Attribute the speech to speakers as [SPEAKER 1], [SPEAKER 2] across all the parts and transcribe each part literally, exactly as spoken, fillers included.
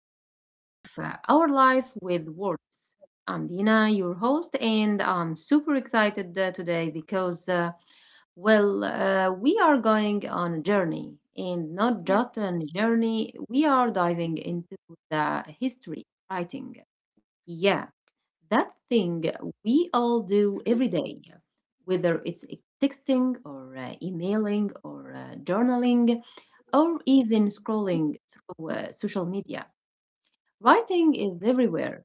[SPEAKER 1] episode of uh, Our Life with Words. I'm Dina, your host, and I'm super excited uh, today because, uh, well, uh, we are going on a journey, and not
[SPEAKER 2] Yeah,
[SPEAKER 1] just a journey, we are diving into the history of writing. Yeah, that thing we all do every day, whether it's texting or uh, emailing or uh, journaling or even scrolling through uh, social media. Writing is everywhere.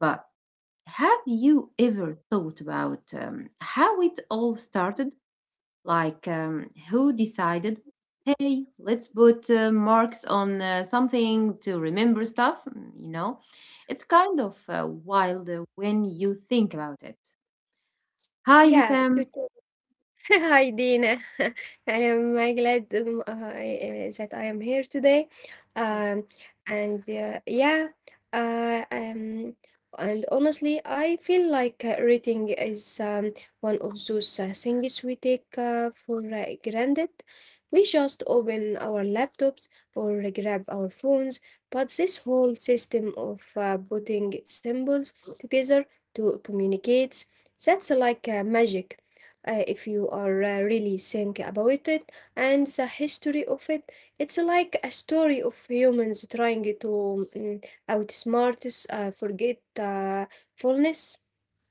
[SPEAKER 1] But have you ever thought about um, how it all started? Like, um, who decided, hey, let's put uh, marks on uh, something to remember stuff? Mm, You know, it's kind of uh, wild uh, when you think about it. Hi,
[SPEAKER 2] yeah,
[SPEAKER 1] Wissam.
[SPEAKER 2] totally. Hi, Dina. I am uh, glad um, uh, I, uh, that I am here today. Um, and uh, yeah, uh, um, and honestly, I feel like uh, reading is um, one of those uh, things we take uh, for uh, granted. We just open our laptops or grab our phones, but this whole system of uh, putting symbols together to communicate, that's like uh, magic uh, if you are uh, really think about it, and the history of it, it's like a story of humans trying to mm, outsmart us, uh, forget uh, fullness.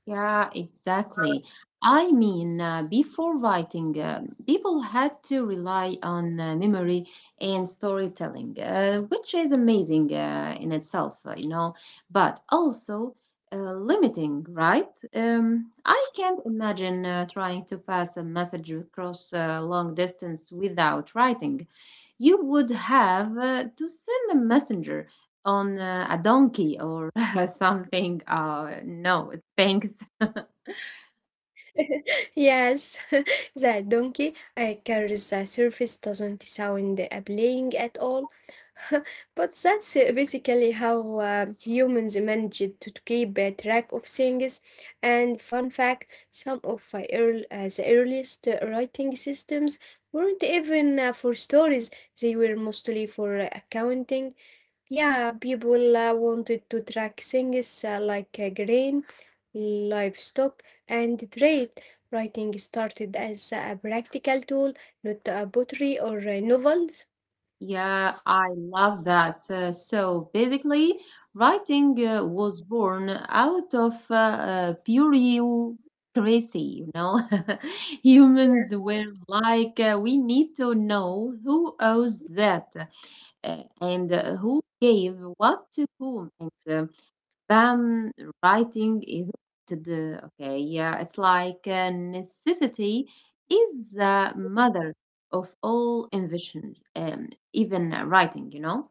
[SPEAKER 1] Yeah, exactly. I mean, uh, before writing, uh, people had to rely on uh, memory and storytelling, uh, which is amazing uh, in itself, uh, you know, but also uh, limiting, right? Um, I can't imagine uh, trying to pass a message across uh, long distance without writing. You would have uh, to send a messenger on uh, a donkey or something. Uh, no, thanks.
[SPEAKER 2] Yes. The donkey uh, carries the surface doesn't sound appealing at all. But that's uh, basically how um, humans managed to keep uh, track of things. And fun fact, some of uh, earl- uh, the earliest uh, writing systems weren't even uh, for stories, they were mostly for uh, accounting. Yeah, people uh, wanted to track things uh, like uh, grain, livestock, and trade. Writing started as a practical tool, not a pottery or uh, novels.
[SPEAKER 1] Yeah, I love that. Uh, so basically, writing uh, was born out of uh, uh, bureaucracy, you know. Humans were like, uh, we need to know who owes that uh, and uh, who gave what to whom. And uh, Spam writing is the okay, yeah, it's like uh, necessity is the mother of all invention, um, even uh, writing, you know.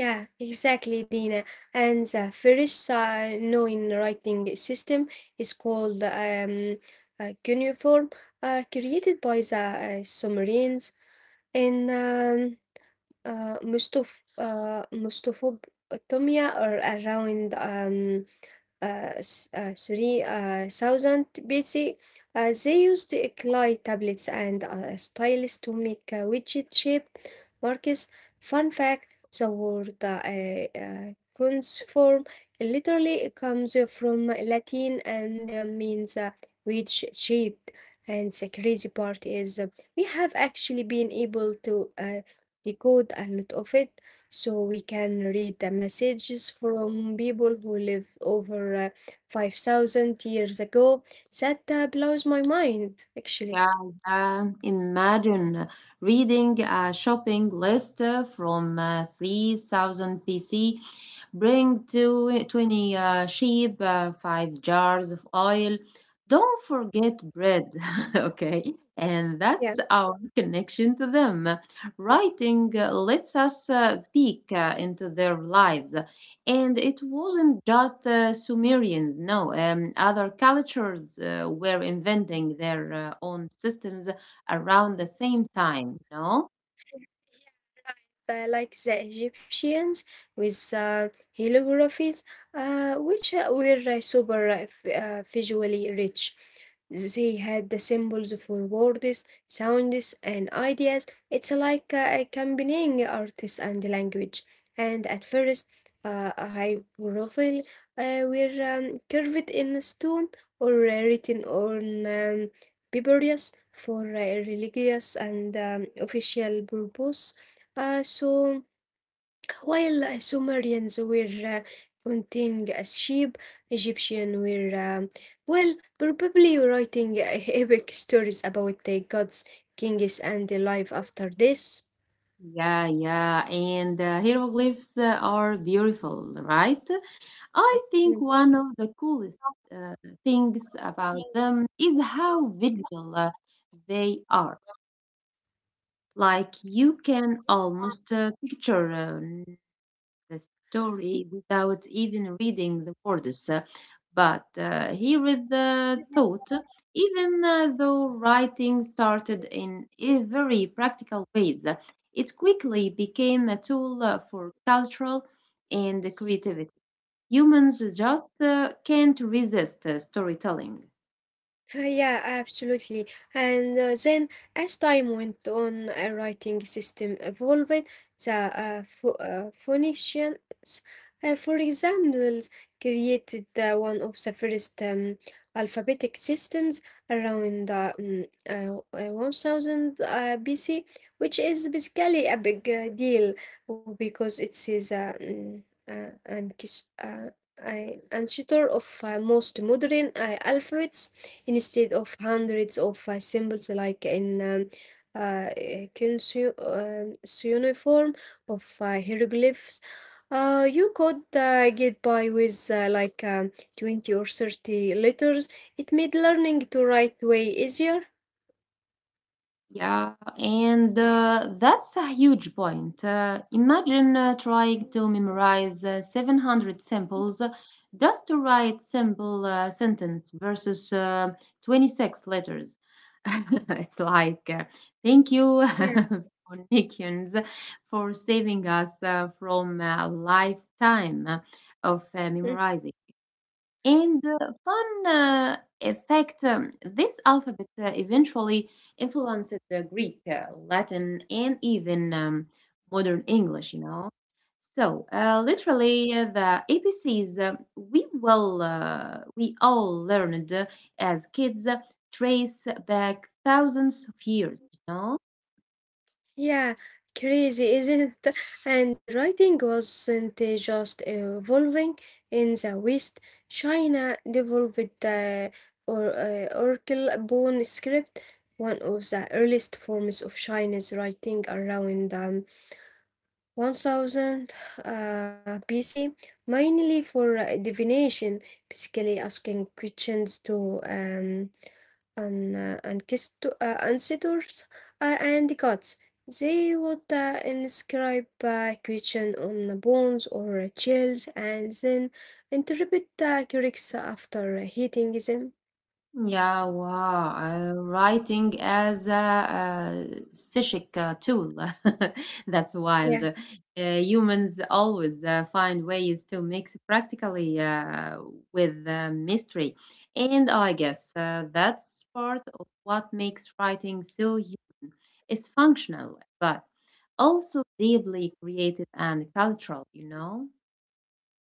[SPEAKER 2] Yeah, exactly, Dina. And the first uh, known writing system is called um, uh, cuneiform, uh, created by the uh, Sumerians in um, uh, most of uh, most of Tomia, are around um, uh, s- uh, three uh, thousand B C. Uh, they used clay tablets and uh, stylus to make uh, widget shape markers. Fun fact: the word uh, uh, cuneiform literally comes from Latin and uh, means uh, wedge shaped. And the crazy part is uh, we have actually been able to uh, decode a lot of it, so we can read the messages from people who live over uh, five thousand years ago. That uh, blows my mind, actually.
[SPEAKER 1] Yeah, um, imagine reading a shopping list uh, from uh, three thousand B C. Bring two twenty uh, sheep, uh, five jars of oil. Don't forget bread, okay? And that's
[SPEAKER 2] Yeah,
[SPEAKER 1] our connection to them. Writing uh, lets us uh, peek uh, into their lives. And it wasn't just uh, Sumerians, no, um, other cultures uh, were inventing their uh, own systems around the same time, no?
[SPEAKER 2] uh, like the Egyptians with uh, hieroglyphs, uh, which uh, were uh, super uh, f- uh, visually rich. They had the symbols for words, sounds, and ideas. It's like uh, accompanying artists and language. And at first, uh, a hieroglyph uh, were um, carved in stone or uh, written on um, papyrus for uh, religious and um, official purpose, uh, so, while uh, Sumerians were uh, counting as sheep, Egyptians were, um, well, probably writing uh, epic stories about the gods, kings, and the life after this.
[SPEAKER 1] Yeah, yeah, and uh, hieroglyphs uh, are beautiful, right? I
[SPEAKER 2] Mm.
[SPEAKER 1] think one of the coolest uh, things about them is how visual uh, they are. Like you can almost uh, picture um, the story without even reading the words, uh, but uh, he read the thought, even uh, though writing started in a very practical ways. It quickly became a tool uh, for cultural and creativity. Humans just uh, can't resist uh, storytelling.
[SPEAKER 2] Uh, yeah, absolutely. And uh, then, as time went on, a writing system evolved. The uh, Pho- uh, Phoenicians, uh, for example, created uh, one of the first um, alphabetic systems around uh, mm, uh, uh, one thousand uh, B C, which is basically a big uh, deal, oh, because it is uh, mm, uh, an uh, uh, ancestor of uh, most modern uh, alphabets instead of hundreds of uh, symbols like in um, uh, kinsu- uh, cuneiform of uh, hieroglyphs. Uh, you could uh, get by with uh, like um, twenty or thirty letters. It made learning to write way easier.
[SPEAKER 1] Yeah, and uh, that's a huge point. Uh, imagine uh, trying to memorize uh, seven hundred samples uh, just to write simple uh, sentence versus uh, twenty-six letters. It's like, uh, thank you,
[SPEAKER 2] Yeah.
[SPEAKER 1] Phoenicians, for saving us uh, from a lifetime of uh, memorizing. And uh, fun uh, effect um, this alphabet uh, eventually influenced the Greek, uh, Latin, and even um, modern English, you know. So, uh, literally, uh, the A B Cs uh, we will uh, we all learned uh, as kids uh, trace back thousands of years, you know.
[SPEAKER 2] Yeah, crazy, isn't it? And writing wasn't uh, just evolving in the West. China developed the or, uh, oracle bone script, one of the earliest forms of Chinese writing around um, one thousand uh, B C, mainly for uh, divination, basically asking questions to um, and uh, and kissed to- uh, ancestors uh, and gods. They would uh, inscribe a question on the bones or shells and then interpret the Greeks after hitting them.
[SPEAKER 1] Yeah, wow. Uh, writing as a, uh psychic uh, tool. That's wild. Uh, humans always uh, find ways to mix practically uh, with uh, mystery. And I guess uh, that's part of what makes writing so human. It's functional, but also deeply creative and cultural, you know?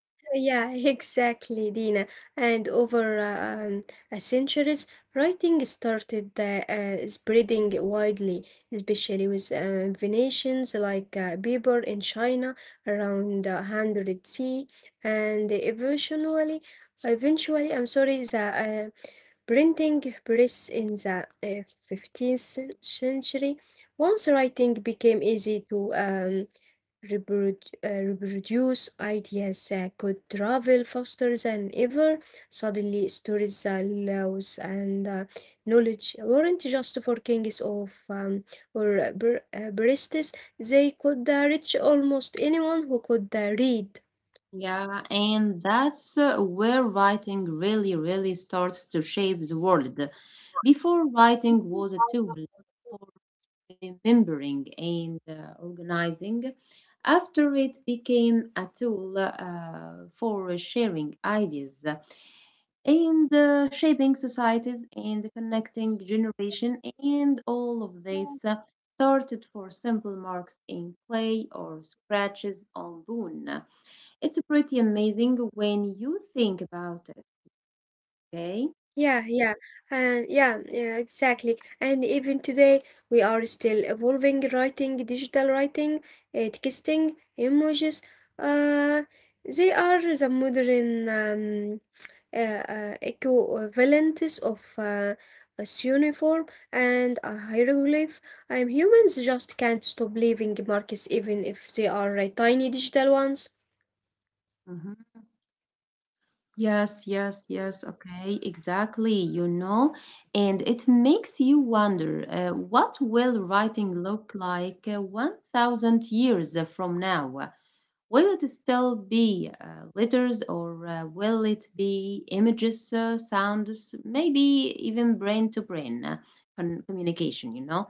[SPEAKER 2] Yeah, exactly, Dina. And over uh, um, a centuries, writing started uh, uh, spreading widely, especially with uh, Venetians like uh, Biber in China around uh, one hundred C. And eventually, eventually, I'm sorry, the uh, printing press in the uh, fifteenth cen- century. Once writing became easy to um, reprodu- uh, reproduce, ideas uh, could travel faster than ever. Suddenly, stories, uh, laws, and uh, knowledge weren't just for kings of um, or uh, bar- uh, baristas. They could uh, reach almost anyone who could uh, read.
[SPEAKER 1] Yeah, and that's uh, where writing really, really starts to shape the world. Before, writing was a tool for remembering and uh, organizing. After, it became a tool uh, for sharing ideas, and uh, shaping societies and connecting generation. And all of this uh, started for simple marks in clay or scratches on bone. It's pretty amazing when you think about it. Okay.
[SPEAKER 2] Yeah, yeah, and yeah, yeah, exactly. And even today, we are still evolving writing, digital writing, uh, texting, emojis. Uh, they are the modern um, uh, uh, equivalents of uh, a uniform and a hieroglyph. Um, humans just can't stop leaving marks, even if they are uh, tiny digital ones.
[SPEAKER 1] Mhm. Yes, yes, yes. Okay, exactly. You know, and it makes you wonder uh, what will writing look like uh, one thousand years from now? Uh, Will it still be uh, letters or uh, will it be images, uh, sounds, maybe even brain to brain uh, con- communication, you know?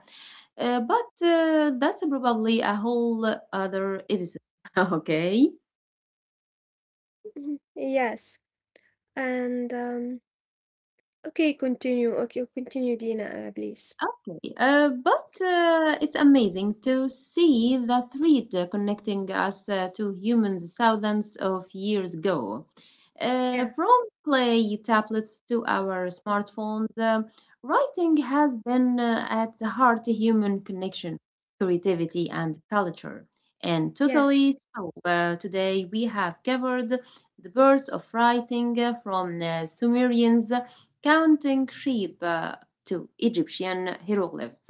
[SPEAKER 1] Uh, but uh, that's probably a whole other episode. Okay.
[SPEAKER 2] Mhm. Yes. And, um okay, continue. Okay, continue, Dina, uh, please.
[SPEAKER 1] Okay, uh, but uh, it's amazing to see the thread uh, connecting us uh, to humans thousands of years ago. Uh,
[SPEAKER 2] Yeah.
[SPEAKER 1] from clay tablets to our smartphones, uh, writing has been uh, at the heart of human connection, creativity, and culture. And
[SPEAKER 2] Yes.
[SPEAKER 1] totally so. Uh, today we have covered the birth of writing uh, from uh, Sumerians counting sheep, uh, to Egyptian hieroglyphs,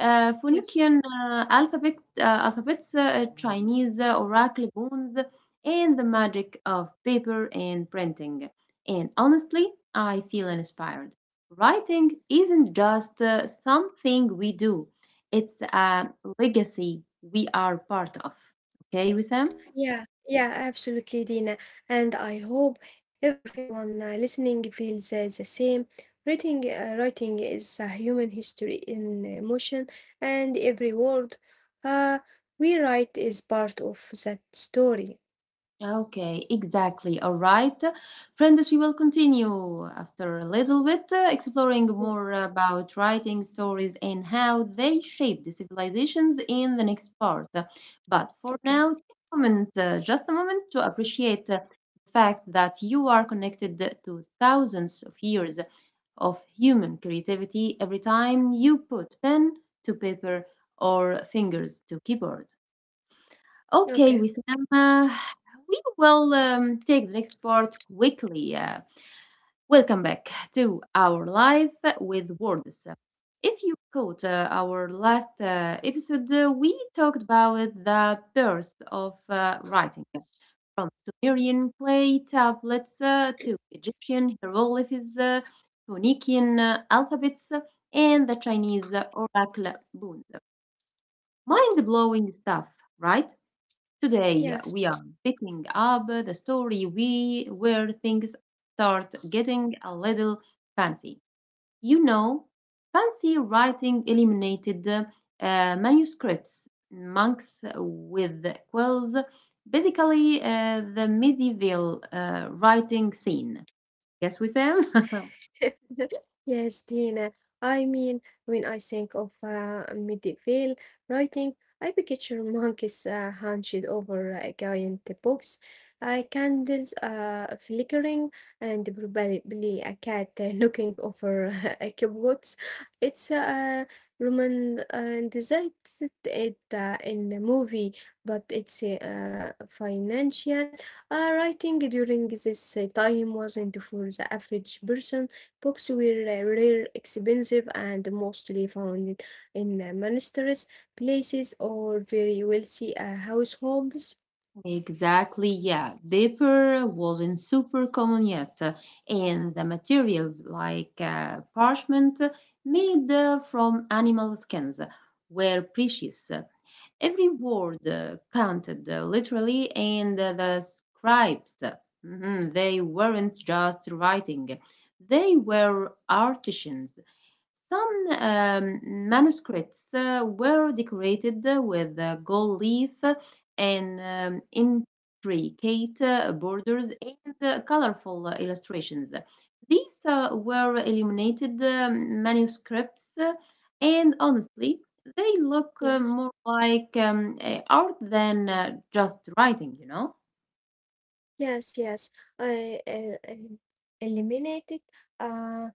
[SPEAKER 1] uh,
[SPEAKER 2] Yes.
[SPEAKER 1] Phoenician uh, alphabet, uh, alphabets, uh, Chinese uh, oracle bones, and the magic of paper and printing. And honestly, I feel inspired. Writing isn't just uh, something we do, it's a legacy we are part of. Okay, Wissam?
[SPEAKER 2] Yeah. Yeah, absolutely, Dina. And I hope everyone uh, listening feels uh, the same. Writing, uh, writing is a human history in emotion, and every word uh, we write is part of that story.
[SPEAKER 1] Okay, exactly. All right. Friends, we will continue after a little bit uh, exploring
[SPEAKER 2] Yeah.
[SPEAKER 1] more about writing stories and how they shaped the civilizations in the next part. But for
[SPEAKER 2] Okay.
[SPEAKER 1] now, take a moment, uh, just a moment to appreciate uh, the fact that you are connected to thousands of years of human creativity every time you put pen to paper or fingers to keyboard. Okay,
[SPEAKER 2] Okay.
[SPEAKER 1] Wissam, uh, we will um, take the next part quickly. Uh, welcome back to Our Life with Words. If you caught uh, our last uh, episode, uh, we talked about the birth of uh, writing from Sumerian clay tablets uh, to Egyptian hieroglyphs, uh, Phoenician uh, alphabets, and the Chinese uh, oracle boons. Mind blowing stuff, right? Today,
[SPEAKER 2] Yes.
[SPEAKER 1] we are picking up the story we where things start getting a little fancy. You know, fancy writing eliminated uh, manuscripts, monks with quills, basically uh, the medieval uh, writing scene. Yes, we Sam?
[SPEAKER 2] Yes, Dina. I mean, when I think of uh, medieval writing, I picture monkeys uh, hunched over a giant books, uh, candles uh, flickering, and probably a cat uh, looking over a kibbutz. It's uh, romanticized it uh, in the movie, but it's uh, financial. Uh, writing during this uh, time wasn't for the average person. Books were uh, rare, expensive, and mostly found in in uh, monasteries, places, or very wealthy uh, households.
[SPEAKER 1] Exactly, yeah. Paper wasn't super common yet, uh, and the materials like uh, parchment uh, made uh, from animal skins uh, were precious. Every word uh, counted uh, literally, and uh, the scribes, uh, mhm, they weren't just writing, they were artisans. Some um, manuscripts uh, were decorated with uh, gold leaf and um, intricate uh, borders and uh, colorful uh, illustrations. These uh, were illuminated um, manuscripts, uh, and honestly, they look uh,
[SPEAKER 2] Yes.
[SPEAKER 1] more like um, uh, art than uh, just writing, you know?
[SPEAKER 2] Yes, yes. I uh, uh, eliminated. Uh,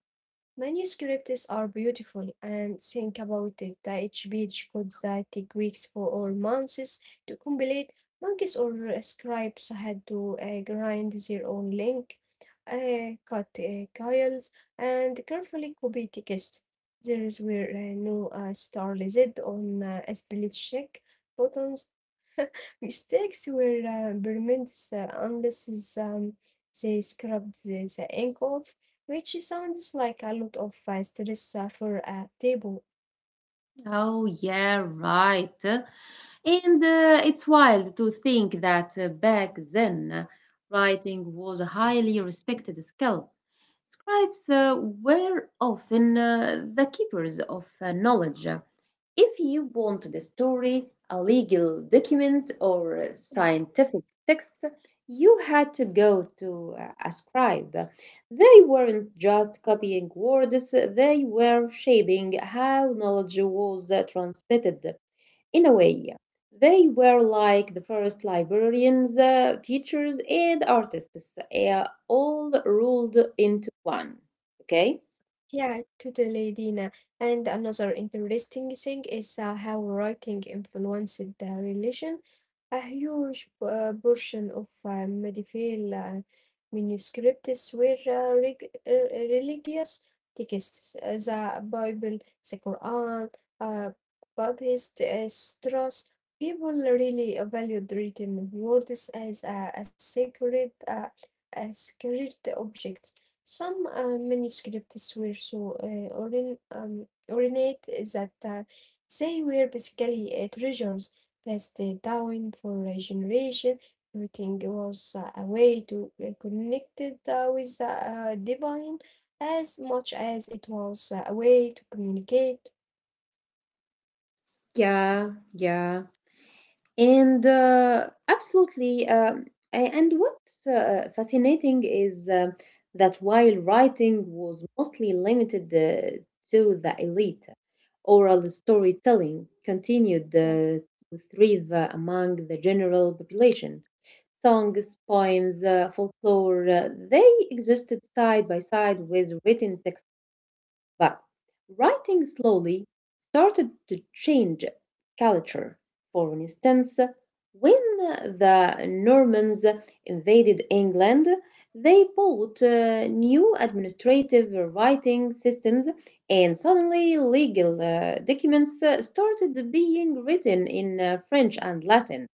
[SPEAKER 2] Manuscripts are beautiful, and think about it. That Each page could uh, take weeks for or months to complete. Monkeys or uh, scribes had to uh, grind their own link, uh, cut uh, coils, and carefully copy text. There were uh, no uh, star listed on uh, spell check buttons. Mistakes were uh, permanent uh, unless is, um, they scrubbed the, the ink off, which sounds like a lot of uh, stress uh, for a table.
[SPEAKER 1] Oh, yeah, right. And uh, it's wild to think that uh, back then, uh, writing was a highly respected skill. Scribes uh, were often uh, the keepers of uh, knowledge. If you want a story, a legal document, or a scientific text, you had to go to uh, a scribe. They weren't just copying words, they were shaping how knowledge was uh, transmitted. In a way, yeah, they were like the first librarians, uh, teachers, and artists, uh, all rolled into one. Okay?
[SPEAKER 2] Yeah, totally, Dina. And another interesting thing is uh, how writing influenced the religion. A huge uh, portion of uh, medieval uh, manuscripts were uh, reg- uh, religious texts, uh, the Bible, the Quran, uh, Buddhist uh, sutras. People really valued written words as a, a sacred, uh, a sacred object. Some uh, manuscripts were so uh, orin- um, ornate that uh, they were basically uh, treasures passed uh, down for a generation. Everything was uh, a way to uh, connect it, uh, with the uh, divine as much as it was uh, a way to communicate.
[SPEAKER 1] Yeah, yeah. And uh, absolutely. Um, a- and what's uh, fascinating is uh, that while writing was mostly limited uh, to the elite, oral storytelling continued
[SPEAKER 2] uh,
[SPEAKER 1] uh, to thrive uh, among the general population. Songs, poems, uh, folklore, uh, they existed side by side with written, but writing slowly started to change culture. For instance, when the Normans invaded England, they bought uh, new administrative writing systems, and suddenly legal uh, documents uh, started being written in uh, French and Latin.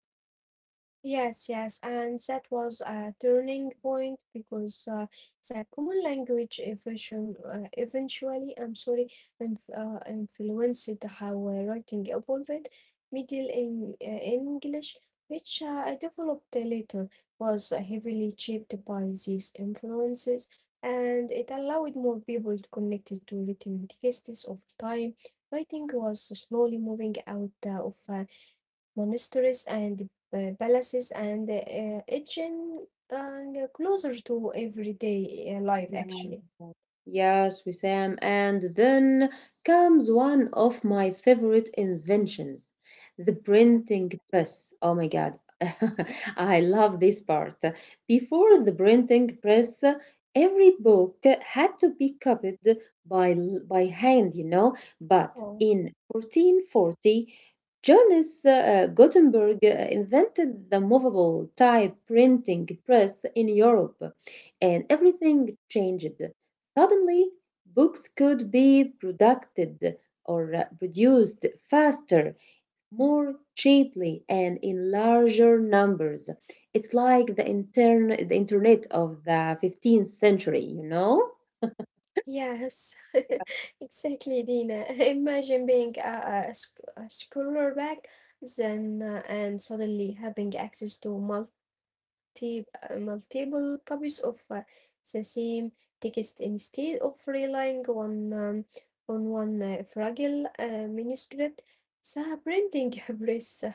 [SPEAKER 2] Yes, yes, and that was a turning point because uh, the common language eventually, uh, eventually, I'm sorry, inf uh, influenced how uh, writing evolved. Middle in, uh, English, which uh, I developed later, was heavily shaped by these influences, and it allowed more people to connect it to written texts over time. Writing was slowly moving out uh, of uh, monasteries and uh, palaces and uh, edging uh, closer to everyday uh, life, actually.
[SPEAKER 1] Yes, Wissam. And then comes one of my favorite inventions, the
[SPEAKER 2] Yeah.
[SPEAKER 1] printing press. Oh my God. I love this part. Before the printing press, every book had to be copied by, by hand, you know. But
[SPEAKER 2] Oh,
[SPEAKER 1] in fourteen forty, Johannes uh, Gutenberg uh, invented the movable type printing press in Europe, and everything changed. Suddenly, books could be produced or uh, produced faster, more cheaply, and in larger numbers. It's like the, intern- the internet of the fifteenth century, you know?
[SPEAKER 2] yes, exactly, Dina. Imagine being a, a, a sc- a scholar back then uh, and suddenly having access to multi, uh, multiple copies of uh, the same text instead of relying on, um, on one uh, fragile uh, manuscript. The printing press uh,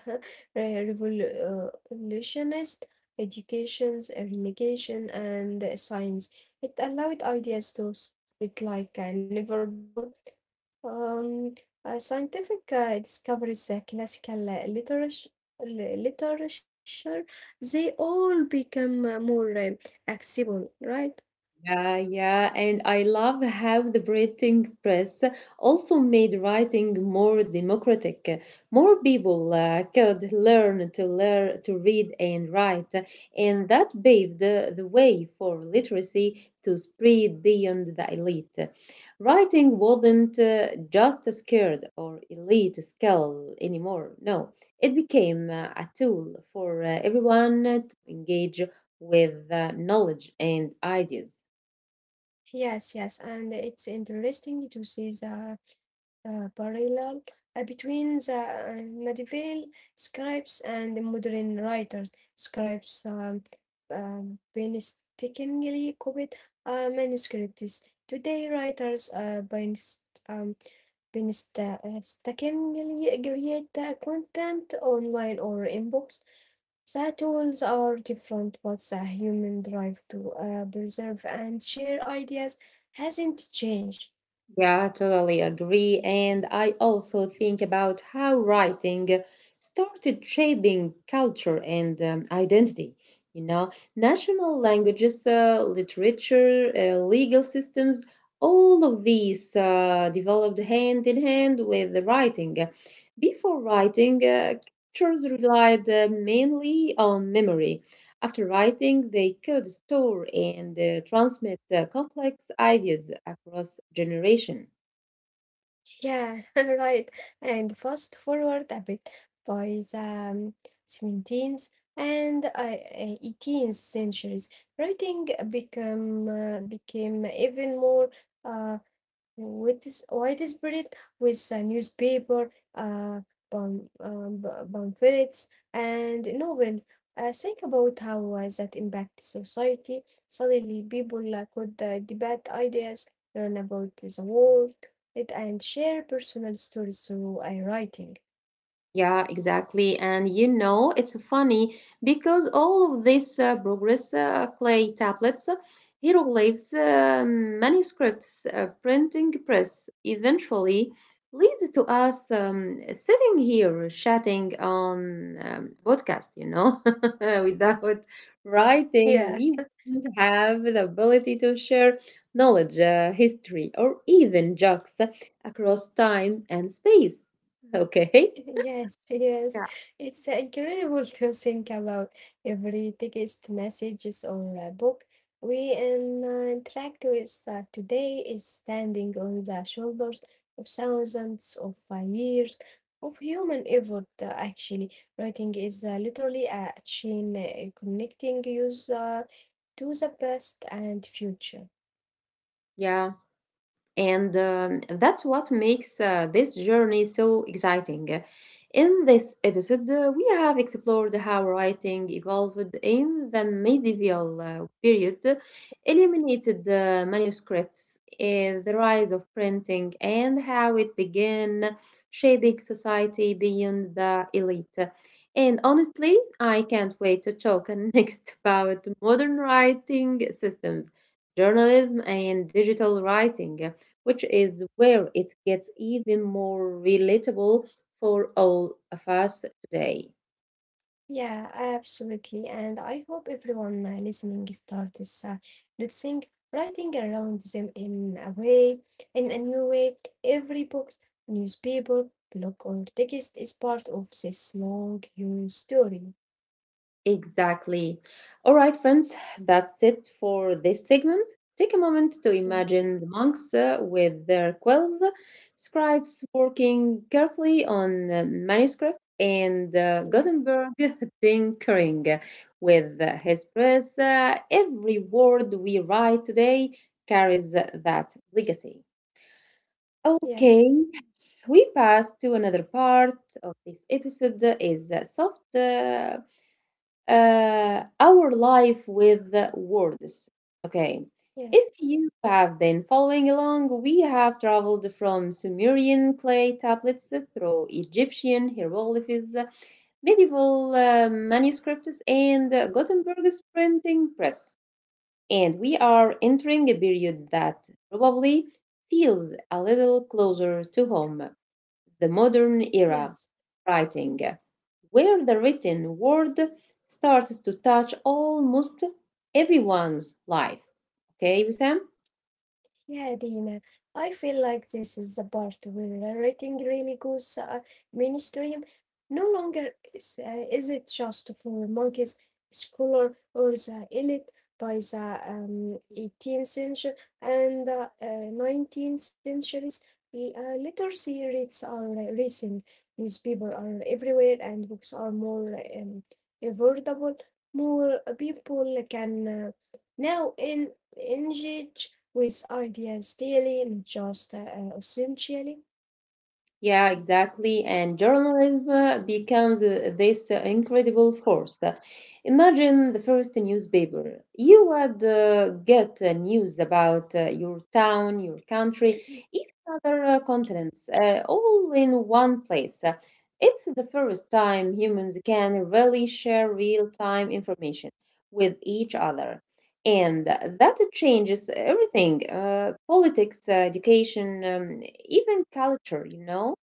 [SPEAKER 2] re- revolutionized education's relegation and science. It allowed ideas to spread like uh, never before. Um, uh, scientific uh, discoveries, uh, classical uh, literature, literature, they all become uh, more uh, accessible, right?
[SPEAKER 1] Yeah, yeah, and I love how the printing press also made writing more democratic. More people uh, could learn to learn to read and write, and that paved the, the way for literacy to spread beyond the elite. Writing wasn't uh, just a skilled or elite skill anymore. No, it became uh, a tool for uh, everyone to engage with uh, knowledge and ideas.
[SPEAKER 2] Yes, yes, and it's interesting to see the uh, parallel uh, between the uh, medieval scribes and the modern writers. Scribes um, um, painstakingly copied uh, manuscripts. Today, writers uh, painst- um, painstakingly create the content online or in books. The tools are different, but the human drive to uh, preserve and share ideas hasn't changed.
[SPEAKER 1] Yeah, I totally agree. And I also think about how writing started shaping culture and um, identity. You know, national languages, uh, literature, uh, legal systems, all of these uh, developed hand in hand with the writing. Before writing, uh, cultures relied uh, mainly on memory. After writing, they could store and uh, transmit uh, complex ideas across generation.
[SPEAKER 2] Yeah, right. And fast forward a bit, by the seventeenth and uh, eighteenth centuries, writing become uh, became even more uh, with this white spirit, with a newspaper, uh, pam- um, pa- pamphlets, and novels. Uh, think about how uh, that impacts society. Suddenly, people uh, could uh, debate ideas, learn about the world, it, and share personal stories through uh, writing.
[SPEAKER 1] Yeah, exactly. And you know, it's funny because all of this uh, progress uh, clay tablets, uh, hieroglyphs, uh, manuscripts, uh, printing press eventually leads to us um, sitting here chatting on um, podcast, you know, without writing,
[SPEAKER 2] Yeah.
[SPEAKER 1] we wouldn't have the ability to share knowledge, uh, history, or even jokes across time and space. Okay.
[SPEAKER 2] Yes, yes. It's incredible to think about every text messages or a book we in- uh, interact with uh, today is standing on the shoulders of thousands of uh, years of human effort, uh, actually. Writing is uh, literally a chain uh, connecting us uh, to the past and future.
[SPEAKER 1] Yeah, and um, that's what makes uh, this journey so exciting. In this episode, uh, we have explored how writing evolved in the medieval uh, period, eliminated uh, manuscripts, uh, the rise of printing, and how it began shaping society beyond the elite. And honestly, I can't wait to talk next about modern writing systems, journalism, and digital writing, which is where it gets even more relatable for all of us today.
[SPEAKER 2] Yeah, absolutely. And I hope everyone uh, listening starts uh, noticing writing around them in a way, in a new way. Every book, newspaper, blog, or text is part of this long, human story.
[SPEAKER 1] Exactly. All right, friends, that's it for this segment. Take a moment to
[SPEAKER 2] Yeah,
[SPEAKER 1] imagine the monks uh, with their quills, scribes working carefully on uh, manuscripts, and uh,
[SPEAKER 2] yeah,
[SPEAKER 1] Gutenberg tinkering with uh, his press. Uh, every word we write today carries that legacy.
[SPEAKER 2] yes,
[SPEAKER 1] Okay, we pass to another part of this episode is uh, soft uh, uh, our life with words. Okay.
[SPEAKER 2] yes,
[SPEAKER 1] If you have been following along, we have traveled from Sumerian clay tablets through Egyptian hieroglyphs, medieval uh, manuscripts, and Gutenberg's printing press. And we are entering a period that probably feels a little closer to home, the modern
[SPEAKER 2] yes.
[SPEAKER 1] era writing, where the written word starts to touch almost everyone's life. Okay, Wissam?
[SPEAKER 2] Yeah, Dina, I feel like this is the part where writing really goes uh, mainstream. No longer is, uh, is it just for monkeys, scholar, or the elite. By the um, eighteenth century and uh, uh, nineteenth centuries, l- Uh, literacy rates are uh, rising, newspapers are everywhere, and books are more um, affordable. More people can uh, now en- engage with ideas daily, not just uh, uh, essentially.
[SPEAKER 1] Yeah, exactly. And journalism uh, becomes uh, this uh, incredible force. Uh, Imagine the first newspaper. You would uh, get uh, news about uh, your town, your country, even other uh, continents, uh, all in one place. Uh, It's the first time humans can really share real-time information with each other. And that changes everything, uh, politics, uh, education, um, even culture, you know?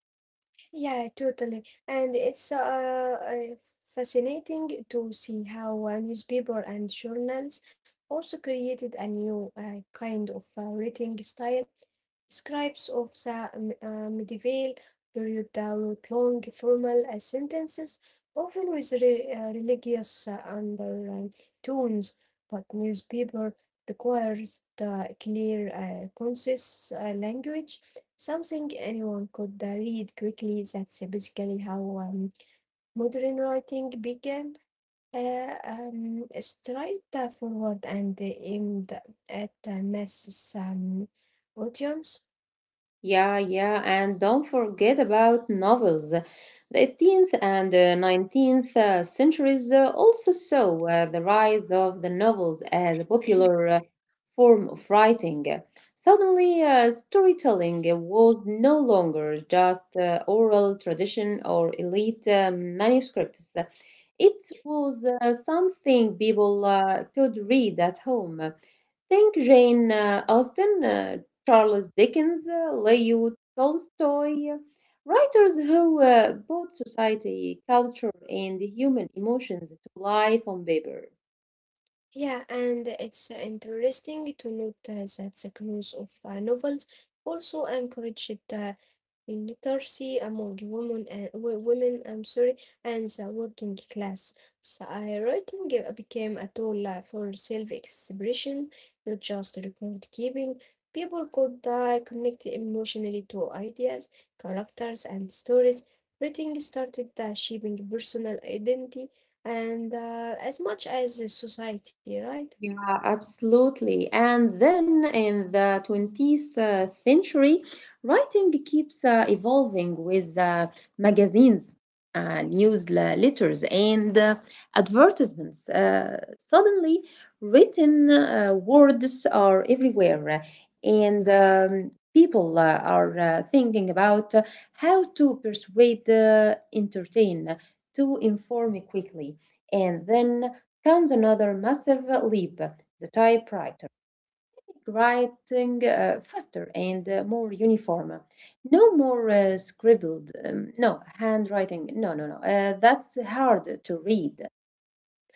[SPEAKER 2] Yeah, totally. And it's uh, uh, fascinating to see how uh, newspaper and journals also created a new uh, kind of uh, writing style. Scribes of the um, uh, medieval period uh, wrote long formal uh, sentences, often with re uh, religious uh, undertones, but newspaper requires the clear, uh, concise uh, language. Something anyone could uh, read quickly. That's basically how um, modern writing began. Uh, um, straight uh, forward and aimed at a mass um, audience.
[SPEAKER 1] Yeah, yeah, and don't forget about novels. The eighteenth and uh, nineteenth uh, centuries uh, also saw uh, the rise of the novels as a popular uh, form of writing. Suddenly, uh, storytelling was no longer just uh, oral tradition or elite uh, manuscripts. It was uh, something people uh, could read at home. Think Jane uh, Austen, uh, Charles Dickens, uh, Leo Tolstoy, uh, writers who uh, brought society, culture, and human emotions to life on paper.
[SPEAKER 2] Yeah, and it's uh, interesting to note uh, that the growth of uh, novels also encouraged uh, literacy among women and wo- women, I'm sorry, and the working class. So, uh, writing uh, became a tool uh, for self-expression, not just record keeping. People could uh, connect emotionally to ideas, characters, and stories. Writing started uh, shaping personal identity and uh, as much as a society, right?
[SPEAKER 1] Yeah, absolutely. And then in the twentieth uh, century, writing keeps uh, evolving with uh, magazines, uh, newsletters, and uh, advertisements. Uh, suddenly, written uh, words are everywhere, and um, people uh, are uh, thinking about uh, how to persuade, uh, entertain, to inform quickly. And then comes another massive leap, the typewriter, writing uh, faster and uh, more uniform. No more uh, scribbled, um, no, handwriting, no, no, no, uh, that's hard to read.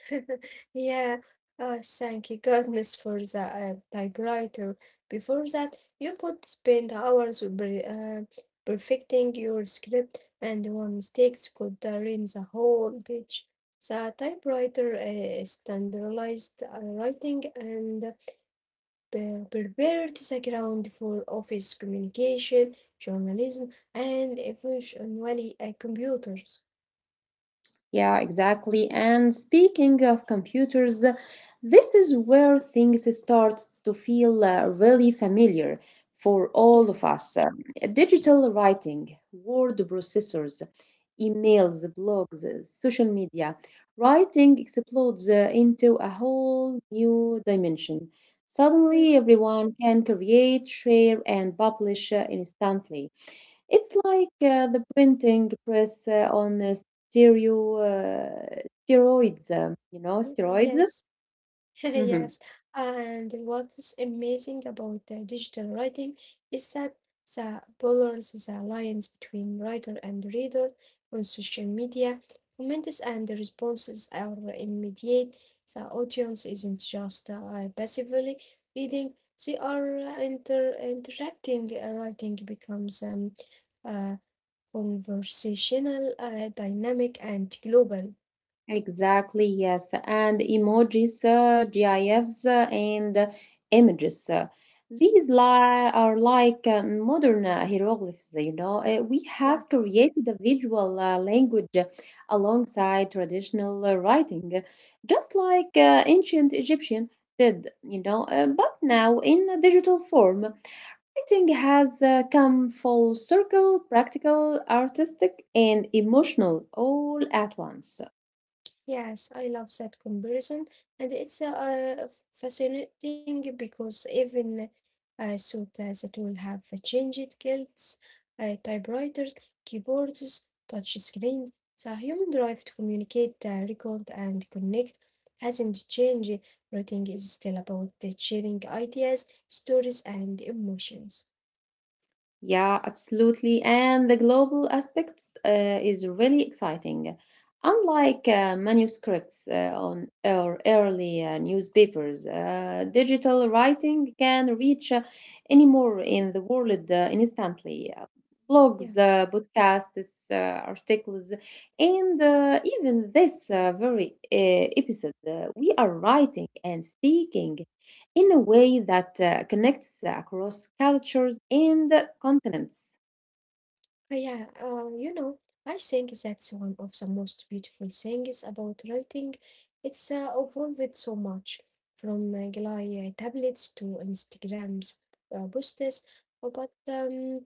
[SPEAKER 2] Yeah, uh, thank you goodness for the uh, typewriter. Before that, you could spend hours per- uh, perfecting your script, and one mistake could uh, ruin the whole page. The typewriter uh, standardized uh, writing and pre- prepared the ground for office communication, journalism, and eventually uh, computers.
[SPEAKER 1] Yeah, exactly. And speaking of computers, this is where things start to feel uh, really familiar for all
[SPEAKER 2] Yeah.
[SPEAKER 1] of us. Um, Digital writing, word processors, emails, blogs, uh, social media. Writing explodes uh, into a whole new dimension. Suddenly,
[SPEAKER 2] Well,
[SPEAKER 1] everyone can create, share, and publish uh, instantly. It's like uh, the printing press uh, on uh, stereo uh, steroids, um, you know,
[SPEAKER 2] Y-
[SPEAKER 1] steroids.
[SPEAKER 2] yes,
[SPEAKER 1] Hmm.
[SPEAKER 2] yes. And what is amazing about the digital writing is that the blurs, the lines between writer and reader on social media, comments and the responses are immediate. The audience isn't just uh, passively reading, they are uh, inter interacting. Uh, Writing becomes um, uh, conversational, uh, dynamic, and global.
[SPEAKER 1] Exactly, yes. And emojis, uh, GIFs, uh, and uh, images. uh, These li- are like uh, modern uh, hieroglyphs, you know. Uh, we
[SPEAKER 2] Yeah.
[SPEAKER 1] have created a visual uh, language uh, alongside traditional uh, writing, uh, just like uh, ancient Egyptian did, you know, uh, but now in a digital form. Painting has uh, come full circle, practical, artistic, and emotional all at once.
[SPEAKER 2] Yes, I love that comparison, and it's uh, uh, fascinating because even uh, so that it will have changed guilds, uh, typewriters, keyboards, touch screens. The human drive to communicate, uh, record, and connect hasn't changed. Writing is still about the sharing ideas, stories, and emotions.
[SPEAKER 1] Yeah, absolutely. And the global aspect uh, is really exciting. Unlike uh, manuscripts uh, on or early uh, newspapers, uh, digital writing can reach uh, anywhere in the world uh, instantly. Uh,
[SPEAKER 2] Yeah.
[SPEAKER 1] blogs, uh, podcasts, uh, articles, and uh, even this uh, very uh, episode, uh, we are writing and speaking in a way that uh, connects across cultures and continents.
[SPEAKER 2] Uh, yeah, uh, you know, I think that's one of the most beautiful things about writing. It's uh, evolved so much from uh, Glide tablets to Instagram's uh, posts, but um,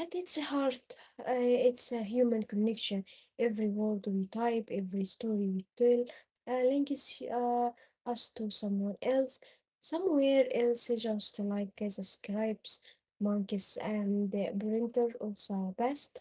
[SPEAKER 2] at its heart, uh, it's a human connection. Every word we type, every story we tell, uh, links uh, us to someone else, somewhere else, just like the scribes, monkeys, and the printer of the past.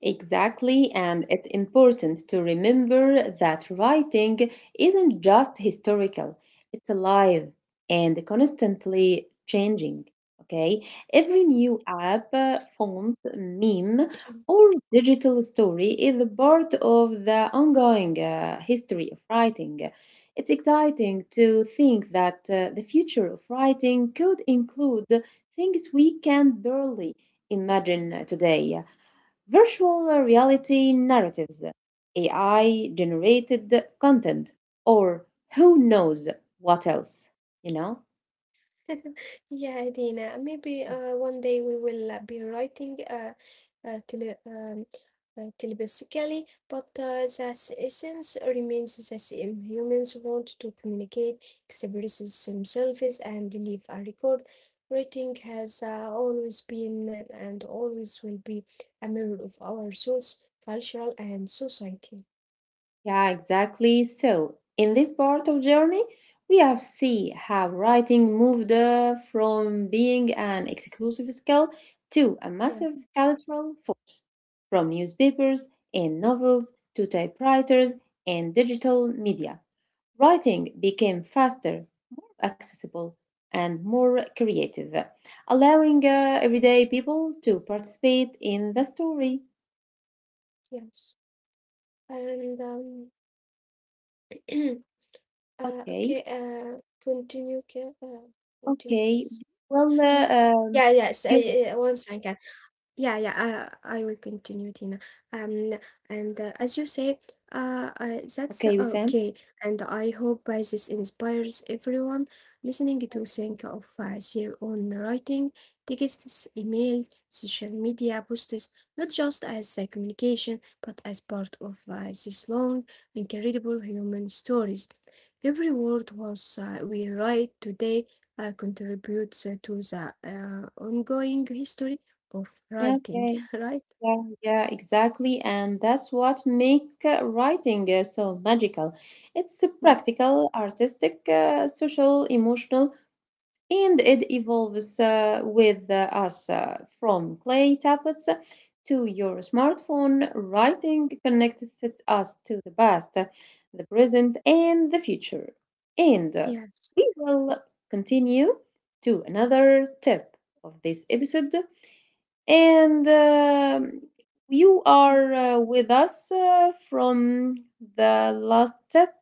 [SPEAKER 1] Exactly, and it's important to remember that writing isn't just historical, it's alive and constantly changing. Okay, every new app, uh, font, meme, or digital story is a part of the ongoing uh, history of writing. It's exciting to think that uh, the future of writing could include things we can barely imagine today: virtual reality narratives, A I generated content, or who knows what else, you know?
[SPEAKER 2] Yeah, Dina, maybe uh, one day we will uh, be writing uh, uh, tele um, uh, telepathically, but uh, the s- essence remains the same. Humans want to communicate, express themselves, and leave a record. Writing has uh, always been and and always will be a mirror of our souls, cultural, and society.
[SPEAKER 1] Yeah, exactly. So, in this part of journey, we have see how writing moved uh, from being an exclusive skill to a massive
[SPEAKER 2] Yeah,
[SPEAKER 1] cultural force, from newspapers and novels to typewriters and digital media. Writing became faster, accessible, and more creative, allowing uh, everyday people to participate in the story.
[SPEAKER 2] yes. And um,
[SPEAKER 1] Okay.
[SPEAKER 2] Uh, okay, uh, continue, Ke- uh,
[SPEAKER 1] Okay.
[SPEAKER 2] continue,
[SPEAKER 1] Well,
[SPEAKER 2] please.
[SPEAKER 1] uh, um,
[SPEAKER 2] Yeah, yes, uh, yeah, yeah, one second. Yeah, yeah, I, I will continue, Tina. Um, and uh,
[SPEAKER 1] Okay,
[SPEAKER 2] As you say, uh,
[SPEAKER 1] okay,
[SPEAKER 2] uh,
[SPEAKER 1] Wissam.
[SPEAKER 2] that's uh, okay. And I hope by this inspires everyone listening to think of uh, their own writing, texts, emails, social media posts, not just as a communication, but as part of uh, this long, incredible human stories. Every word was uh, we write today uh, contributes uh, to the uh, ongoing history of writing,
[SPEAKER 1] Okay,
[SPEAKER 2] right?
[SPEAKER 1] yeah, yeah, exactly. And that's what make uh, writing uh, so magical. It's uh,
[SPEAKER 2] Mm.
[SPEAKER 1] practical, artistic, uh, social, emotional, and it evolves uh, with uh, us uh, from clay tablets to your smartphone. Writing connects it- us to the past, the present, and the future. And uh,
[SPEAKER 2] Yes.
[SPEAKER 1] we will continue to another tip of this episode and um, you
[SPEAKER 2] Mm,
[SPEAKER 1] are uh, with us uh, from the last step.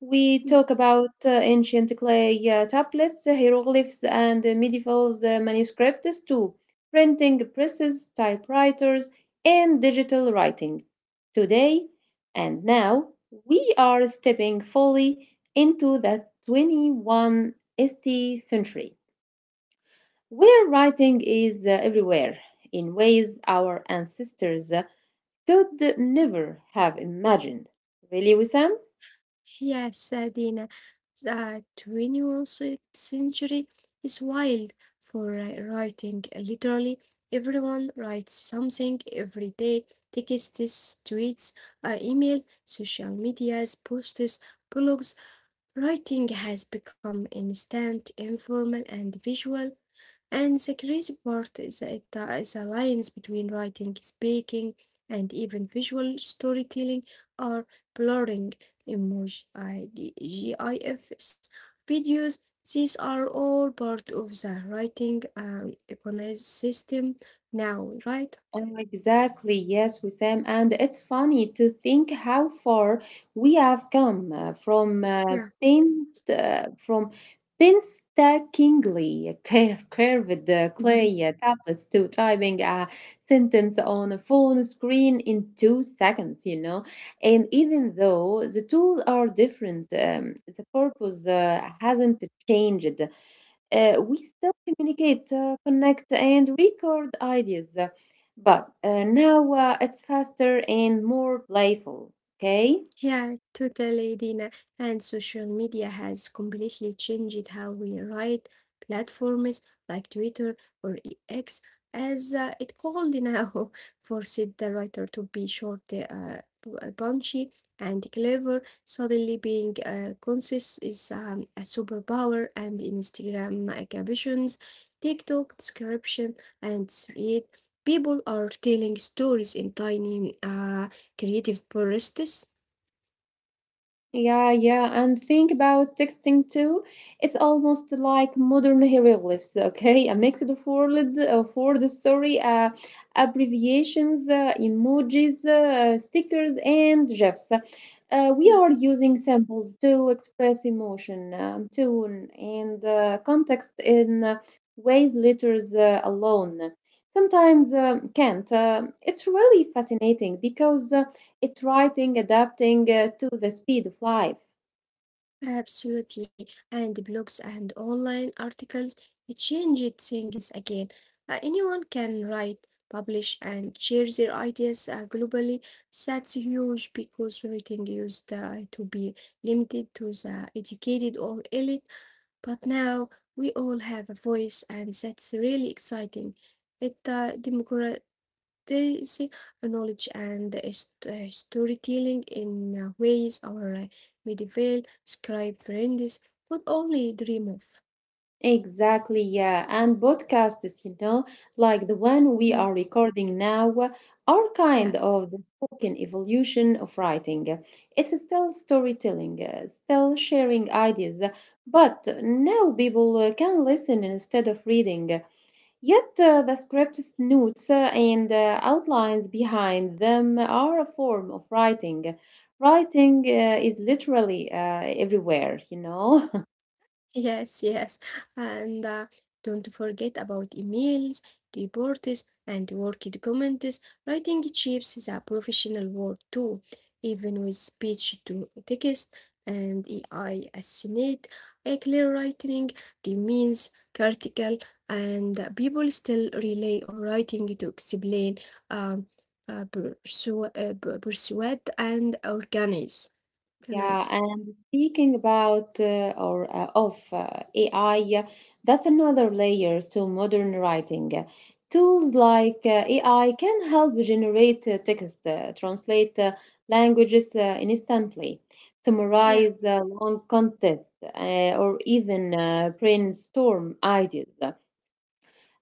[SPEAKER 1] We
[SPEAKER 2] mm.
[SPEAKER 1] talk about uh, ancient clay uh, tablets, hieroglyphs, and medieval uh, manuscripts too, printing presses, typewriters, and digital writing. Today and now, we are stepping fully into the twenty-first century where writing is uh, everywhere in ways our ancestors uh, could never have imagined. Really, Wissam?
[SPEAKER 2] Yes, uh, Dina. The twenty-first century is wild for uh, writing. Literally, everyone writes something every day. Texts, tweets, uh, emails, social medias, posts, blogs. Writing has become instant, informal, and visual, and the crazy part is that the is the lines between writing, speaking, and even visual storytelling are blurring. Emoji, I- D- GIFs, videos, these are all part of the writing um, ecosystem now, right?
[SPEAKER 1] Oh, exactly. Yes, Wissam. And it's funny to think how far we have come uh, from uh,
[SPEAKER 2] Yeah.
[SPEAKER 1] paint, uh, from painstakingly cur- curved uh, clay uh, tablets to typing a sentence on a phone screen in two seconds, you know. And even though the tools are different, um, the purpose uh, hasn't changed. Uh, we still communicate, uh, connect, and record ideas, but uh, now uh, it's faster and more playful. Okay.
[SPEAKER 2] Yeah, totally, Dina. And social media has completely changed how we write. Platforms like Twitter or E X, as uh, it called now, forced the writer to be short, uh, p- uh, punchy, and clever. Suddenly, being uh, concise is um, a superpower. And Instagram uh, captions, TikTok description, and thread. People are telling stories in tiny, uh, creative bursts.
[SPEAKER 1] Yeah, yeah, and think about texting too. It's almost like modern hieroglyphs, okay? A mixed of word, of word story, uh, abbreviations, uh, emojis, uh, stickers, and GIFs. Uh, we are using symbols to express emotion, um, tone, and uh, context in uh, ways letters uh, alone sometimes um can't. Uh, it's really fascinating because uh, it's writing, adapting uh, to the speed of life.
[SPEAKER 2] Absolutely. And blogs and online articles, it changed things again. Uh, anyone can write, publish, and share their ideas uh, globally. That's huge because everything used uh, to be limited to the educated or elite. But now we all have a voice, and that's really exciting. It uh, democra- this knowledge and is- uh, storytelling in uh, ways our uh, medieval scribe friends could only dream of.
[SPEAKER 1] Exactly, yeah. And podcasts, you know, like the one we
[SPEAKER 2] Mm.
[SPEAKER 1] are recording now, are kind
[SPEAKER 2] Yes.
[SPEAKER 1] of the spoken evolution of writing. It's still storytelling, uh, still sharing ideas, but now people uh, can listen instead of reading. Yet uh, the script's notes uh, and uh, outlines behind them are a form of writing. Writing uh, is literally uh, everywhere, you know.
[SPEAKER 2] Yes, yes. And uh, don't forget about emails, reports, and work documents. Writing chips is a professional work too, even with speech to text and A I assistant. A clear writing remains critical, and people still rely on writing to explain, um, uh, persu- uh, persuade, and organize.
[SPEAKER 1] Yeah,
[SPEAKER 2] Organized.
[SPEAKER 1] and speaking about uh, or uh, of uh, A I, that's another layer to modern writing. Tools like uh, A I can help generate uh, text, uh, translate uh, languages uh, instantly,
[SPEAKER 2] Yeah,
[SPEAKER 1] summarize uh, long content, uh, or even uh, brainstorm ideas.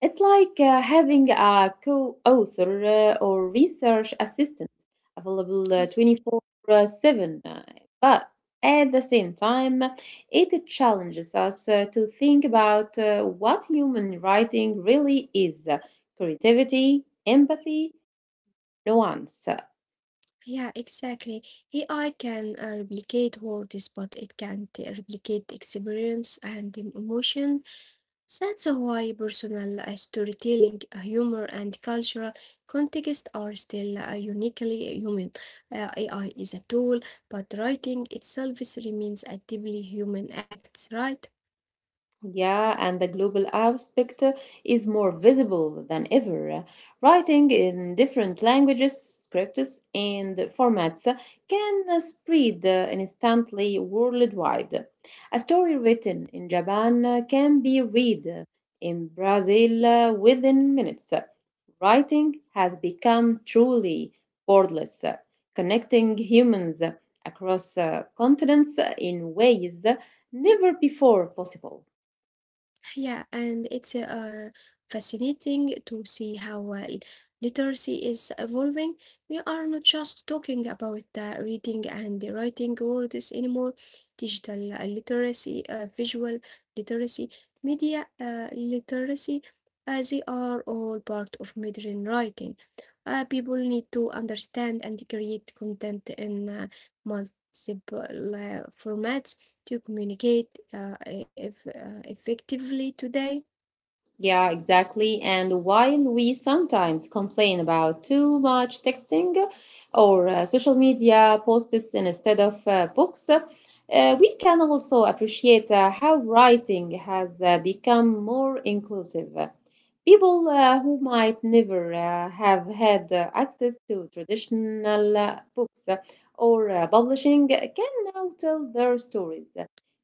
[SPEAKER 1] It's like uh, having a co author uh, or research assistant available uh,
[SPEAKER 2] yes.
[SPEAKER 1] twenty-four seven. Uh, But at the same time, it challenges us uh, to think about uh, what human writing really is: uh, creativity, empathy, nuance.
[SPEAKER 2] Yeah, exactly. A I can uh, replicate words, but it can't uh, replicate experience and um, emotion. That's why personal uh, storytelling, uh, humor, and cultural context are still uh, uniquely human. Uh, A I is a tool, but writing itself is- remains a deeply human act, right?
[SPEAKER 1] Yeah, and the global aspect is more visible than ever. Writing in different languages, scripts, and formats can spread instantly worldwide. A story written in Japan can be read in Brazil within minutes. Writing has become truly borderless, connecting humans across continents in ways never before possible.
[SPEAKER 2] Yeah, and it's uh, fascinating to see how uh, literacy is evolving. We are not just talking about uh, reading and writing words anymore. Digital uh, literacy, uh, visual literacy, media uh, literacy, uh, they are all part of modern writing. Uh, people need to understand and create content in uh, multiple uh, formats to communicate uh, eff- uh, effectively today.
[SPEAKER 1] Yeah, exactly. And while we sometimes complain about too much texting or uh, social media posts instead of uh, books, uh, we can also appreciate uh, how writing has uh, become more inclusive. People uh, who might never uh, have had uh, access to traditional uh, books or uh, publishing can now tell their stories,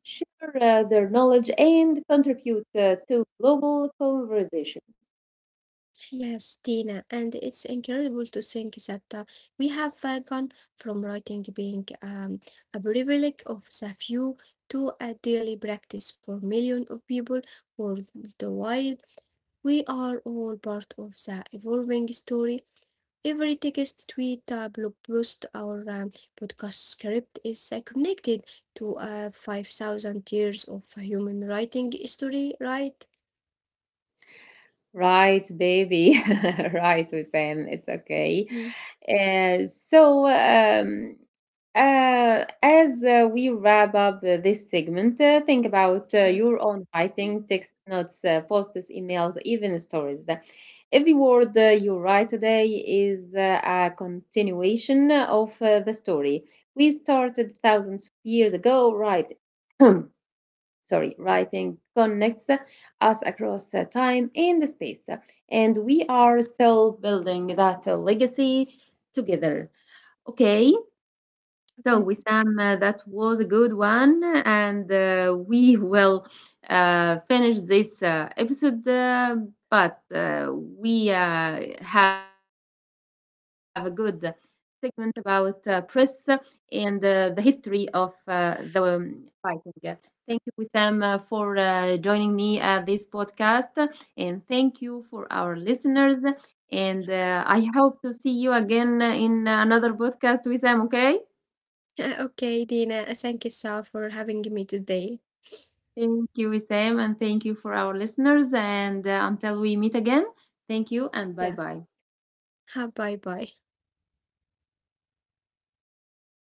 [SPEAKER 1] share uh, their knowledge, and contribute uh, to global conversation.
[SPEAKER 2] Yes, Tina, and it's incredible to think that uh, we have uh, gone from writing being um, a privilege of the few to a daily practice for millions of people worldwide. We are all part of the evolving story. Every text, tweet, uh, blog post, or um, podcast script is uh, connected to uh, five thousand years of human writing history, right?
[SPEAKER 1] Right, baby. Right, Hussein. It's okay.
[SPEAKER 2] Mm,
[SPEAKER 1] Uh, so, um, uh, as uh, we wrap up uh, this segment, uh, think about uh,
[SPEAKER 2] yeah,
[SPEAKER 1] your own writing, text notes, uh, posts, emails, even stories. Every word uh, you write today is uh, a continuation of uh, the story we started thousands of years ago, right? Sorry, writing connects us across uh, time and space. And we are still building that uh, legacy together. Okay, so,
[SPEAKER 2] okay.
[SPEAKER 1] Wissam, uh, that was a good one, and uh, we will uh, finish this uh, episode. Uh, but uh, we uh, have a good segment about uh, press and uh, the history of uh, the um, fighting. Thank you, Wissam, uh, for uh, joining me at this podcast, and thank you for our listeners. And uh, I hope to see you again in another podcast, Wissam. Okay.
[SPEAKER 2] Okay, Dina, thank you so for having me today.
[SPEAKER 1] Thank you, Wissam, and thank you for our listeners. And uh, until we meet again, thank you and
[SPEAKER 2] Yeah,
[SPEAKER 1] bye bye.
[SPEAKER 2] bye bye.